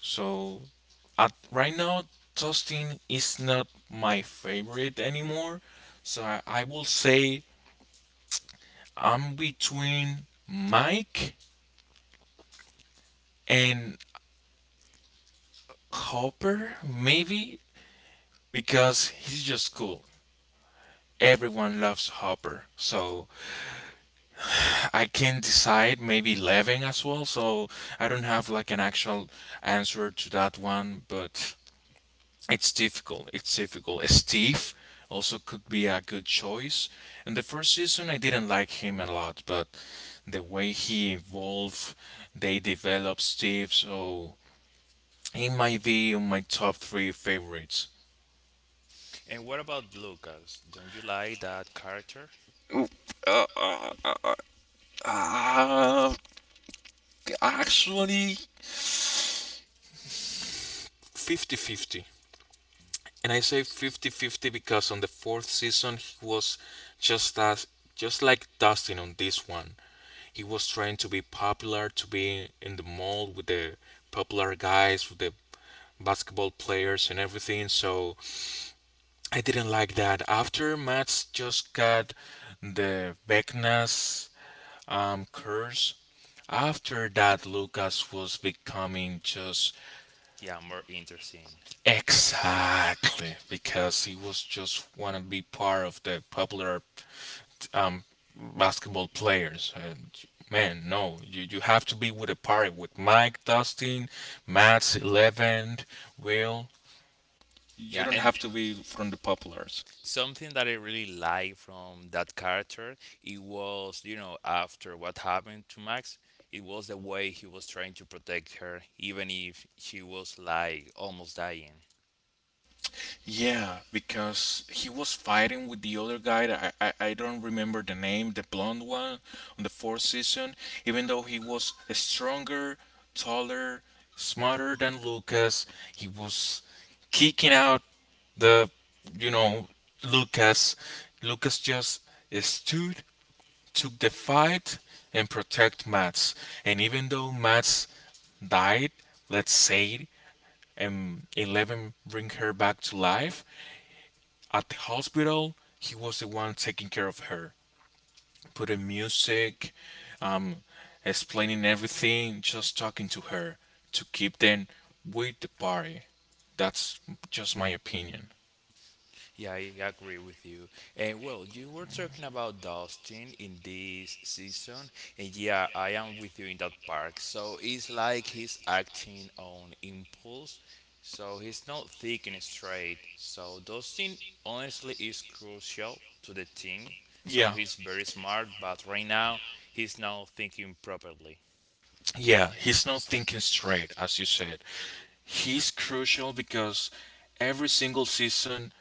So at right now, toasting is not my favorite anymore. So I will say I'm between Mike and Hopper, maybe, because he's just cool. Everyone loves Hopper. So I can decide, maybe Levin as well. So I don't have like an actual answer to that one, but it's difficult. It's difficult. Steve also could be a good choice. And the first season, I didn't like him a lot, but the way he evolved, they developed Steve, so he might be on my top three favorites. And what about Lucas? Don't you like that character? Uh, uh, uh, Actually, fifty-fifty. And I say fifty-fifty because on the fourth season, he was just as just like Dustin on this one. He was trying to be popular, to be in the mold with the popular guys, with the basketball players and everything. So I didn't like that. After Mats just got the Vecna's curse, after that, Lucas was becoming just Yeah, more interesting. exactly because he was just want to be part of the popular um, basketball players. And man, no, you have to be with a party with Mike, Dustin, Matt's, Eleven, Will. You Yeah, don't and have to be from the populars. something that I really like from that character, it was, you know, after what happened to Max, it was the way he was trying to protect her, even if she was like almost dying. Yeah, because he was fighting with the other guy, that I don't remember the name, the blonde one on the fourth season. Even though he was stronger, taller, smarter than Lucas, he was kicking out the, you know, Lucas. Lucas just stood, took the fight, and protect Mats. And even though Mats died, let's say, and Eleven bring her back to life, at the hospital, he was the one taking care of her, putting music, um, explaining everything, just talking to her to keep them with the party. That's just my opinion. Yeah, I agree with you. And well, you were talking about dusting in this season, and yeah, I am with you in that park. So it's like he's acting on impulse, so he's not thinking straight. So dusting honestly is crucial to the team. So Yeah, he's very smart, but right now he's not thinking properly. yeah, he's not thinking straight, as you said. He's crucial because every single season,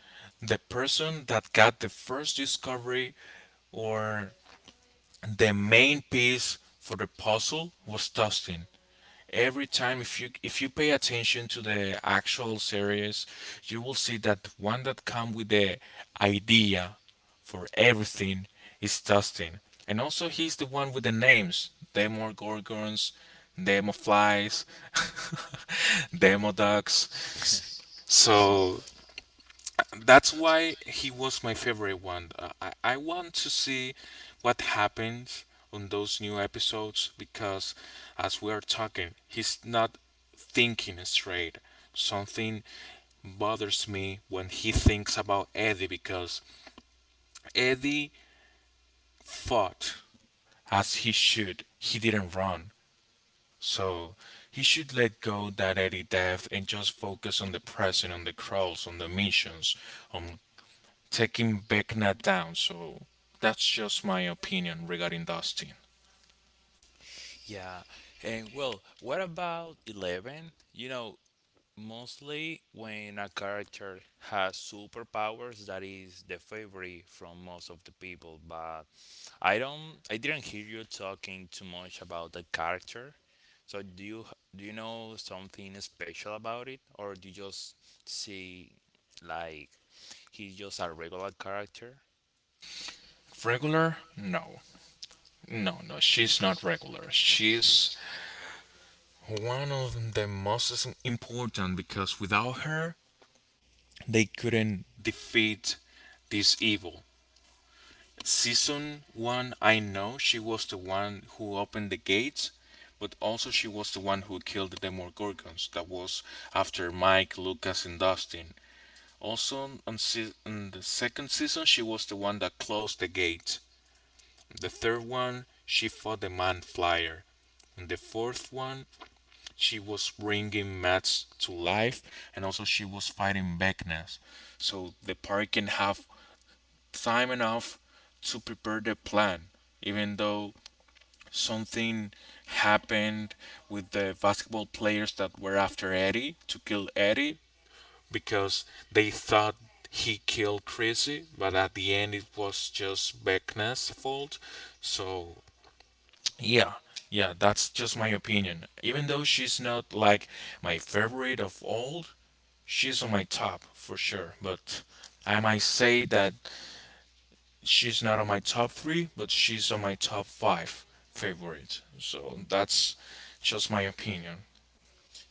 the person that got the first discovery or the main piece for the puzzle was Dustin. Every time, if you pay attention to the actual series, you will see that one that come with the idea for everything is Tustin. And also he's the one with the names Demo Gorgons, Demo Flies, Demo Ducks. So that's why he was my favorite one. I want to see what happens on those new episodes because as we are talking, he's not thinking straight. Something bothers me when he thinks about Eddie because Eddie fought as he should. He didn't run. So he should let go that Eddie death and just focus on the present, on the crawls, on the missions, on taking Vecna down. So that's just my opinion regarding Dustin. Yeah, and well, what about Eleven? You know, mostly when a character has superpowers, that is the favorite from most of the people. But I didn't hear you talking too much about the character. So do you know something special about it, or do you just see like he's just a regular character? Regular? No. No, no, she's not regular. She's one of the most important because without her, they couldn't defeat this evil. Season 1, I know she was the one who opened the gates, but also she was the one who killed the Demogorgons. That was after Mike, Lucas, and Dustin. Also, on the second season, she was the one that closed the gate. In the third one, she fought the man flyer. In the fourth one, she was bringing Mats to life, and also she was fighting Vecna's. So the party can have time enough to prepare the plan, even though something happened with the basketball players that were after Eddie to kill Eddie because they thought he killed Chrissy, but at the end it was just Beckna's fault. So yeah, yeah, that's just my opinion. Even though she's not like my favorite of all, she's on my top for sure. But I might say that she's not on my top three, but she's on my top five favorite. So that's just my opinion.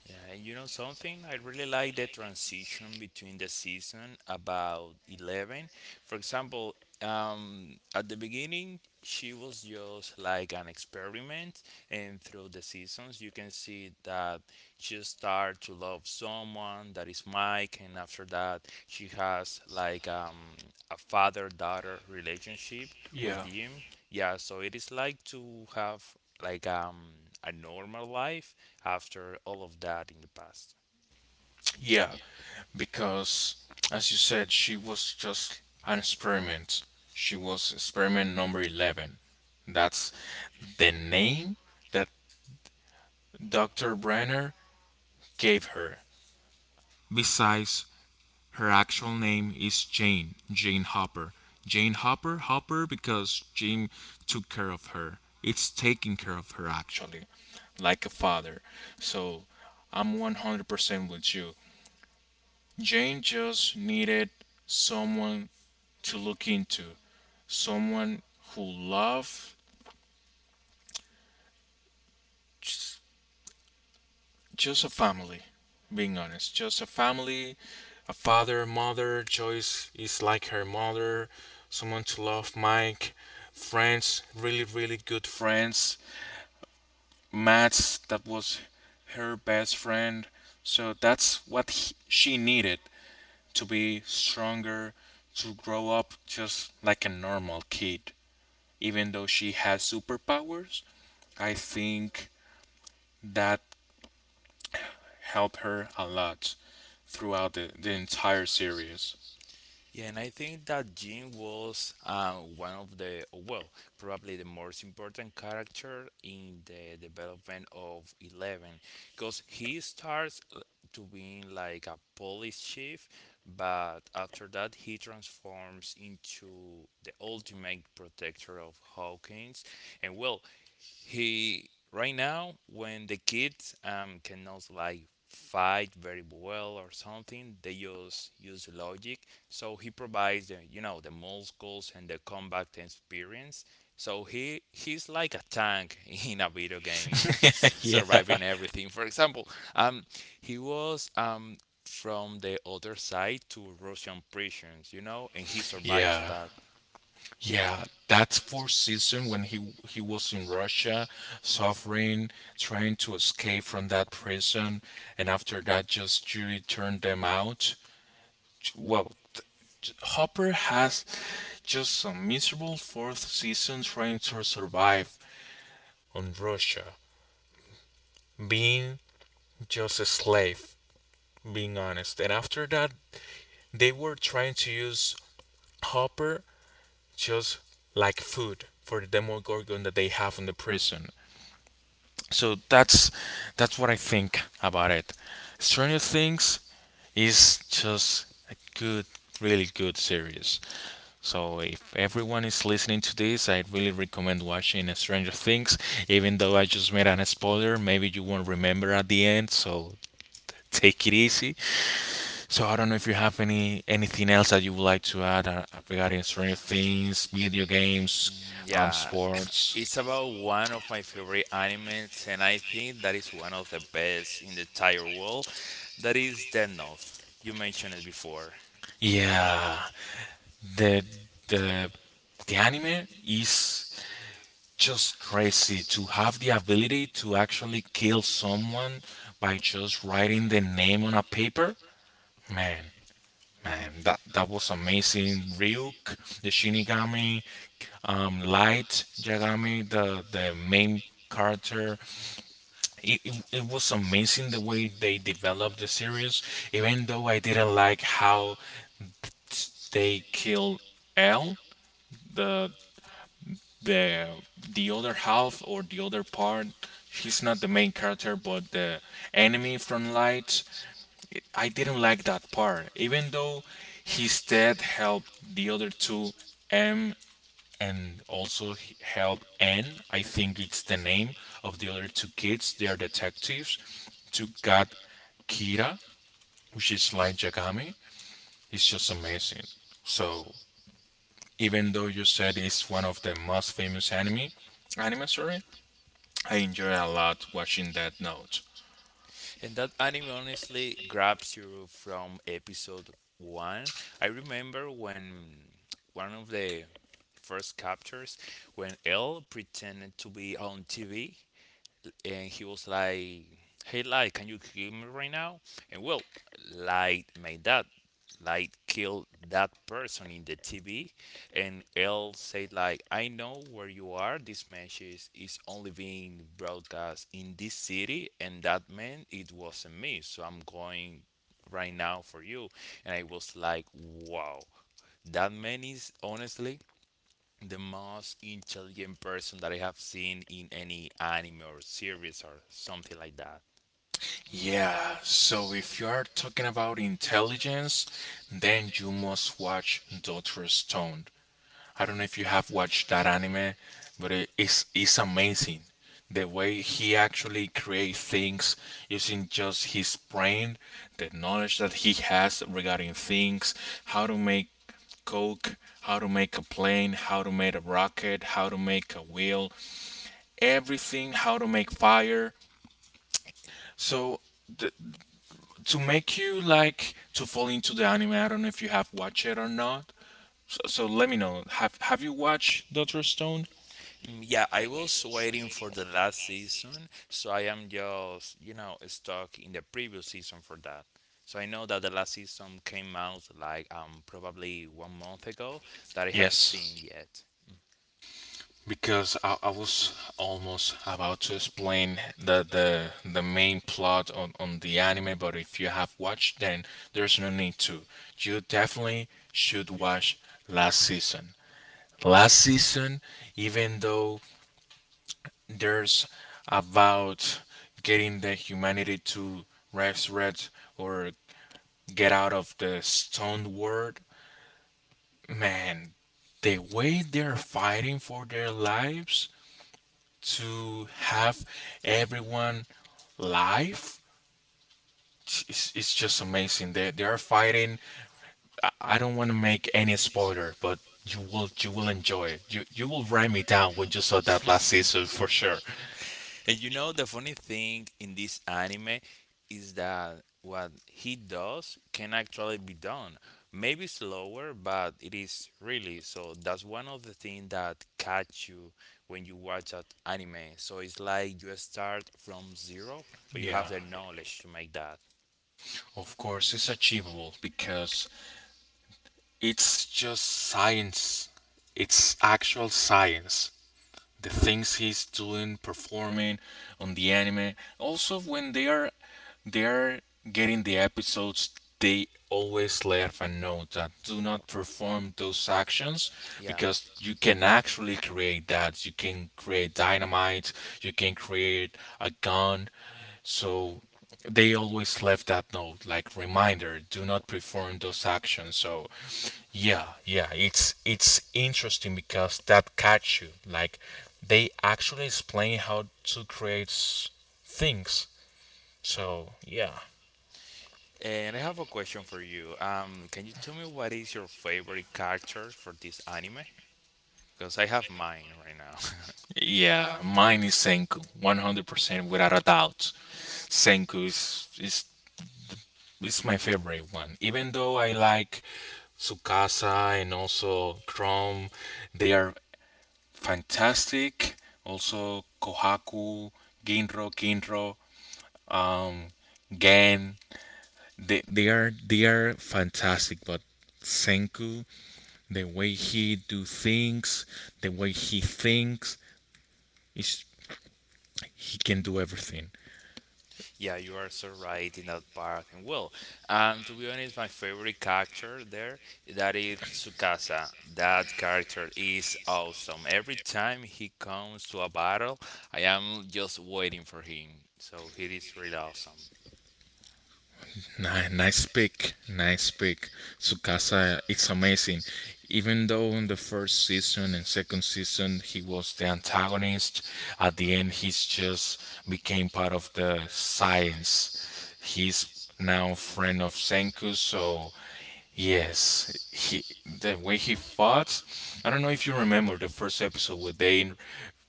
Yeah, and you know something? I really like the transition between the season about 11. For example, at the beginning, she was just like an experiment, and through the seasons, you can see that she start to love someone that is Mike, and after that, she has like a father-daughter relationship with Yeah. him. Yeah, so it is like to have like a normal life after all of that in the past. Yeah, because as you said, she was just an experiment. She was experiment number 11. That's the name that Dr. Brenner gave her. Besides, her actual name is Jane, Jane Hopper. Jane Hopper, Hopper because Jim took care of her. It's taking care of her actually, like a father. So I'm 100% with you. Jane just needed someone to look into. Someone who love just, just a family, being honest, just a family, a father, mother. Joyce is like her mother. Someone to love, Mike, friends, really, really good friends. Matt's that was her best friend. So that's what she needed to be stronger, to grow up just like a normal kid, even though she has superpowers I think that helped her a lot throughout the entire series. Yeah, and I think that Jim was one of the, well, probably the most important character in the development of Eleven, because he starts to being like a police chief, but after that he transforms into the ultimate protector of Hawkins, and well, he right now when the kids cannot like fight very well or something, they just use logic. So he provides the, you know, the muscles and the combat experience. So he's like a tank in a video game, yeah, surviving everything. For example, um he was from the other side to Russian prisons, you know, and he survived yeah, that. yeah. That fourth season when he was in Russia, suffering, trying to escape from that prison, and after that, just Judy turned them out. Well, Hopper has just a miserable fourth season trying to survive on Russia, being just a slave, being honest. And after that, they were trying to use Hopper just like food for the Demogorgon that they have in the prison. So that's what I think about it. Stranger Things is just a good, really good series. So if everyone is listening to this, I really recommend watching Stranger Things. Even though I just made an spoiler, maybe you won't remember at the end. So take it easy. So I don't know if you have any anything else that you would like to add regarding Stranger Things, video games, Mm. Yeah. sports. It's about one of my favorite animes, and I think that is one of the best in the entire world. That is Death Note. You mentioned it before. Yeah, the the the anime is just crazy to have the ability to actually kill someone by just writing the name on a paper. Man, man, that was amazing. Ryuk, the Shinigami, Light Yagami, the main character. It was amazing the way they developed the series, even though I didn't like how they killed L, the the the other half or the other part. She's not the main character, but the enemy from Light. I didn't like that part, even though his death helped the other two, M, and also help Anne. I think it's the name of the other two kids. They are detectives. To get Kira, which is like Jagami. It's just amazing. So even though you said it's one of the most famous anime, anime sorry, I enjoy a lot watching that note. And that anime honestly grabs you from episode one. I remember when one of the first captures when Elle pretended to be on TV and he was like, "Hey, Light, can you kill me right now?" And well, Light made that. Light killed that person in the TV, and Elle said, "Like, I know where you are. This match is only being broadcast in this city, and that meant it wasn't me. So I'm going right now for you." And I was like, "Wow, that man is honestly." The most intelligent person that I have seen in any anime or series or something like that. Yeah, so if you are talking about intelligence, then you must watch Doctor Stone. I don't know if you have watched that anime, but it's amazing. The way he actually creates things using just his brain, the knowledge that he has regarding things, how to make coke, how to make a plane, how to make a rocket, how to make a wheel, everything, how to make fire. So th- to make you like to fall into the anime, I don't know if you have watched it or not. So, so let me know. Have you watched Doctor Stone? Mm. Yeah, I was waiting for the last season, so I am just, you know, stuck in the previous season for that. So I know that the last season came out like probably 1 month ago that I have Yes, seen yet. because I was almost about to explain the main plot on the anime, but if you have watched then there's no need to. You definitely should watch last season, last season, even though there's about getting the humanity to resurrect or get out of the stone world. Man, the way they're fighting for their lives to have everyone live, it's just amazing. They are fighting. I don't want to make any spoiler, but you will enjoy it. You will write me down when you saw that last season for sure. And you know the funny thing in this anime is that what he does can actually be done. Maybe slower, but it is really. So that's one of the things that catch you when you watch that anime. So it's like you start from zero, but you have Yeah, the knowledge to make that. of course it's achievable because it's just science. It's actual science, the things he's doing, performing on the anime. Also, when they are getting the episodes, they always let a note that do not perform those actions Yeah. because you can actually create that. You can create dynamite. You can create a gun. So they always left that note like reminder, do not perform those actions. So yeah, yeah, it's interesting because that catch you like they actually explain how to create things, so yeah, And I have a question for you. Can you tell me what is your favorite character for this anime? Because I have mine right now. yeah, mine is Senku 100% without a doubt. Senku is my favorite one, even though I like Tsukasa and also Chrome. They are fantastic, also Kohaku, Ginro, Kinro, um, Gan. They are fantastic, but Senku, the way he do things, the way he thinks, is he can do everything. Yeah, you are so right in that part. And well, to be honest, my favorite character there that is Tsukasa. That character is awesome. Every time he comes to a battle, I am just waiting for him. So he is really awesome. Nice pick, nice pick. Tsukasa, it's amazing. Even though in the first season and second season he was the antagonist, at the end he's just became part of the science. He's now friend of Senku, so yes, he the way he fought. I don't know if you remember the first episode where they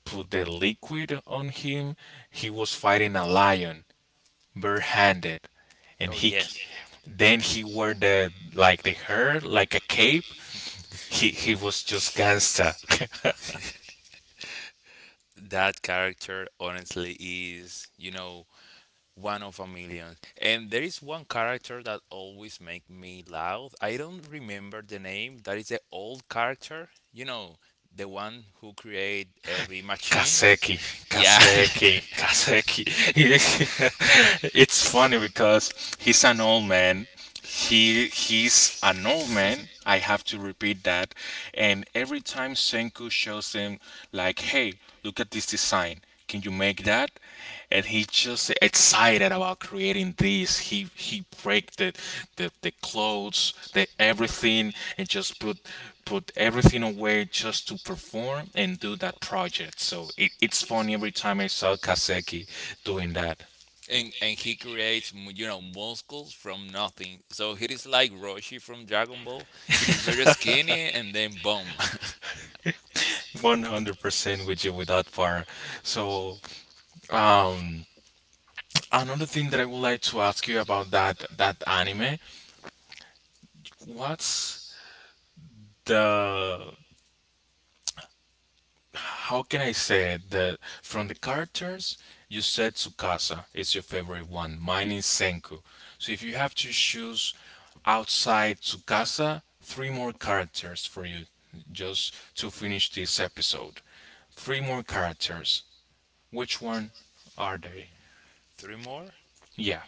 put the liquid on him. He was fighting a lion bare handed, and Oh he yes, then he wore the like the hair like a cape. He was just gangsta. that character honestly is, you know, one of a million. And there is one character that always make me laugh. I don't remember the name. That is the old character. You know, the one who create every machine. Kaseki, Yeah. Kaseki, Kaseki. It's funny because he's an old man. He's an old man. I have to repeat that. And every time Senku shows him like, hey, look at this design. Can you make that? And he's just excited about creating this. He break the clothes, the everything, and just put everything away just to perform and do that project. So it's funny every time I saw Kaseki doing that. And he creates, you know, muscles from nothing. So he is like Roshi from Dragon Ball. He is very skinny and then boom. 100% with you with that part. So, um, another thing that I would like to ask you about that anime, what's the, how can I say it? That from the characters, you said Tsukasa is your favorite one. Mine is Senku. So if you have to choose outside Tsukasa, three more characters for you, just to finish this episode. Three more characters. Which one are they? Three more? Yeah.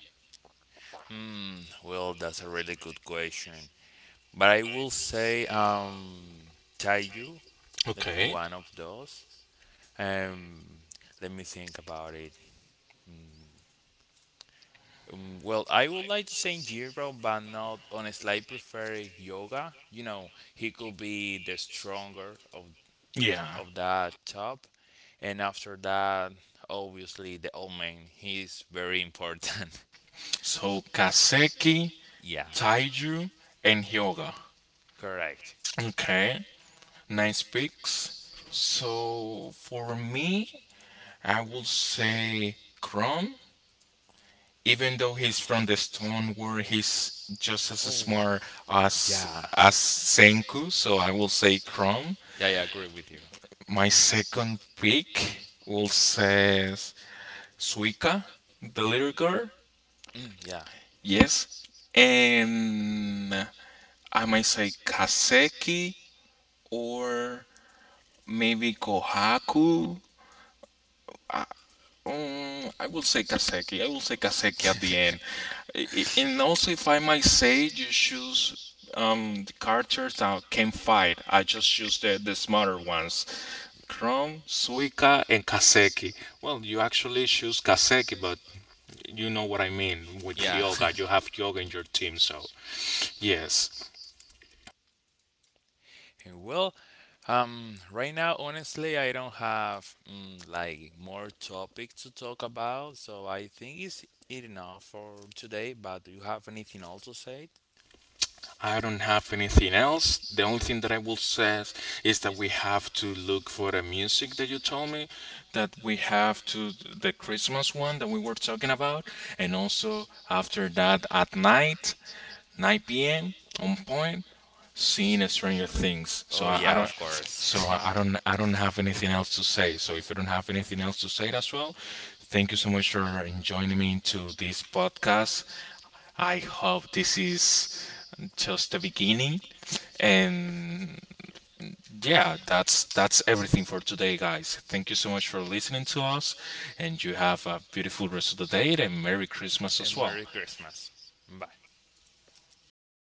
Hmm. Well, that's a really good question. But I will say, Taiyu. That is Okay. one of those. Um, Let me think about it. Mm, well, I would like to say Jiro, but not honestly. I prefer Yoga. You know, he could be the stronger of Yeah. That top, and after that, obviously the old man. He's very important. So Kaseki, Yeah, Taiju, and Hyoga. correct. Okay. Nice picks. So for me, I will say Chrome, even though he's from the Stone War, he's just as Oh, smart as yeah, as Senku, so I will say Chrome. Yeah. Agree with you. My second pick will say Suika, the little girl. Mm, yeah. Yes. And I might say Kaseki or maybe Kohaku. I will say Kaseki. I will say Kaseki at the end. And also, if I might say, you choose the characters that can fight. I just choose the smarter ones. Chrome, Suika, and Kaseki. Well, you actually choose Kaseki, but you know what I mean. With Yeah. Hyoga, you have Hyoga in your team, so yes. Well, right now, honestly, I don't have like more topic to talk about, so I think it's it enough for today. But do you have anything else to say? I don't have anything else. The only thing that I will say is that we have to look for the music that you told me, that we have to the Christmas one that we were talking about, and also after that at night, 9 p.m. on point seen a Stranger Things, Oh yeah, of so course. I don't have anything else to say. So if you don't have anything else to say as well, thank you so much for joining me into this podcast. I hope this is just the beginning, and yeah, that's everything for today, guys. Thank you so much for listening to us, and you have a beautiful rest of the day and Merry Christmas And as well. Merry Christmas. Bye.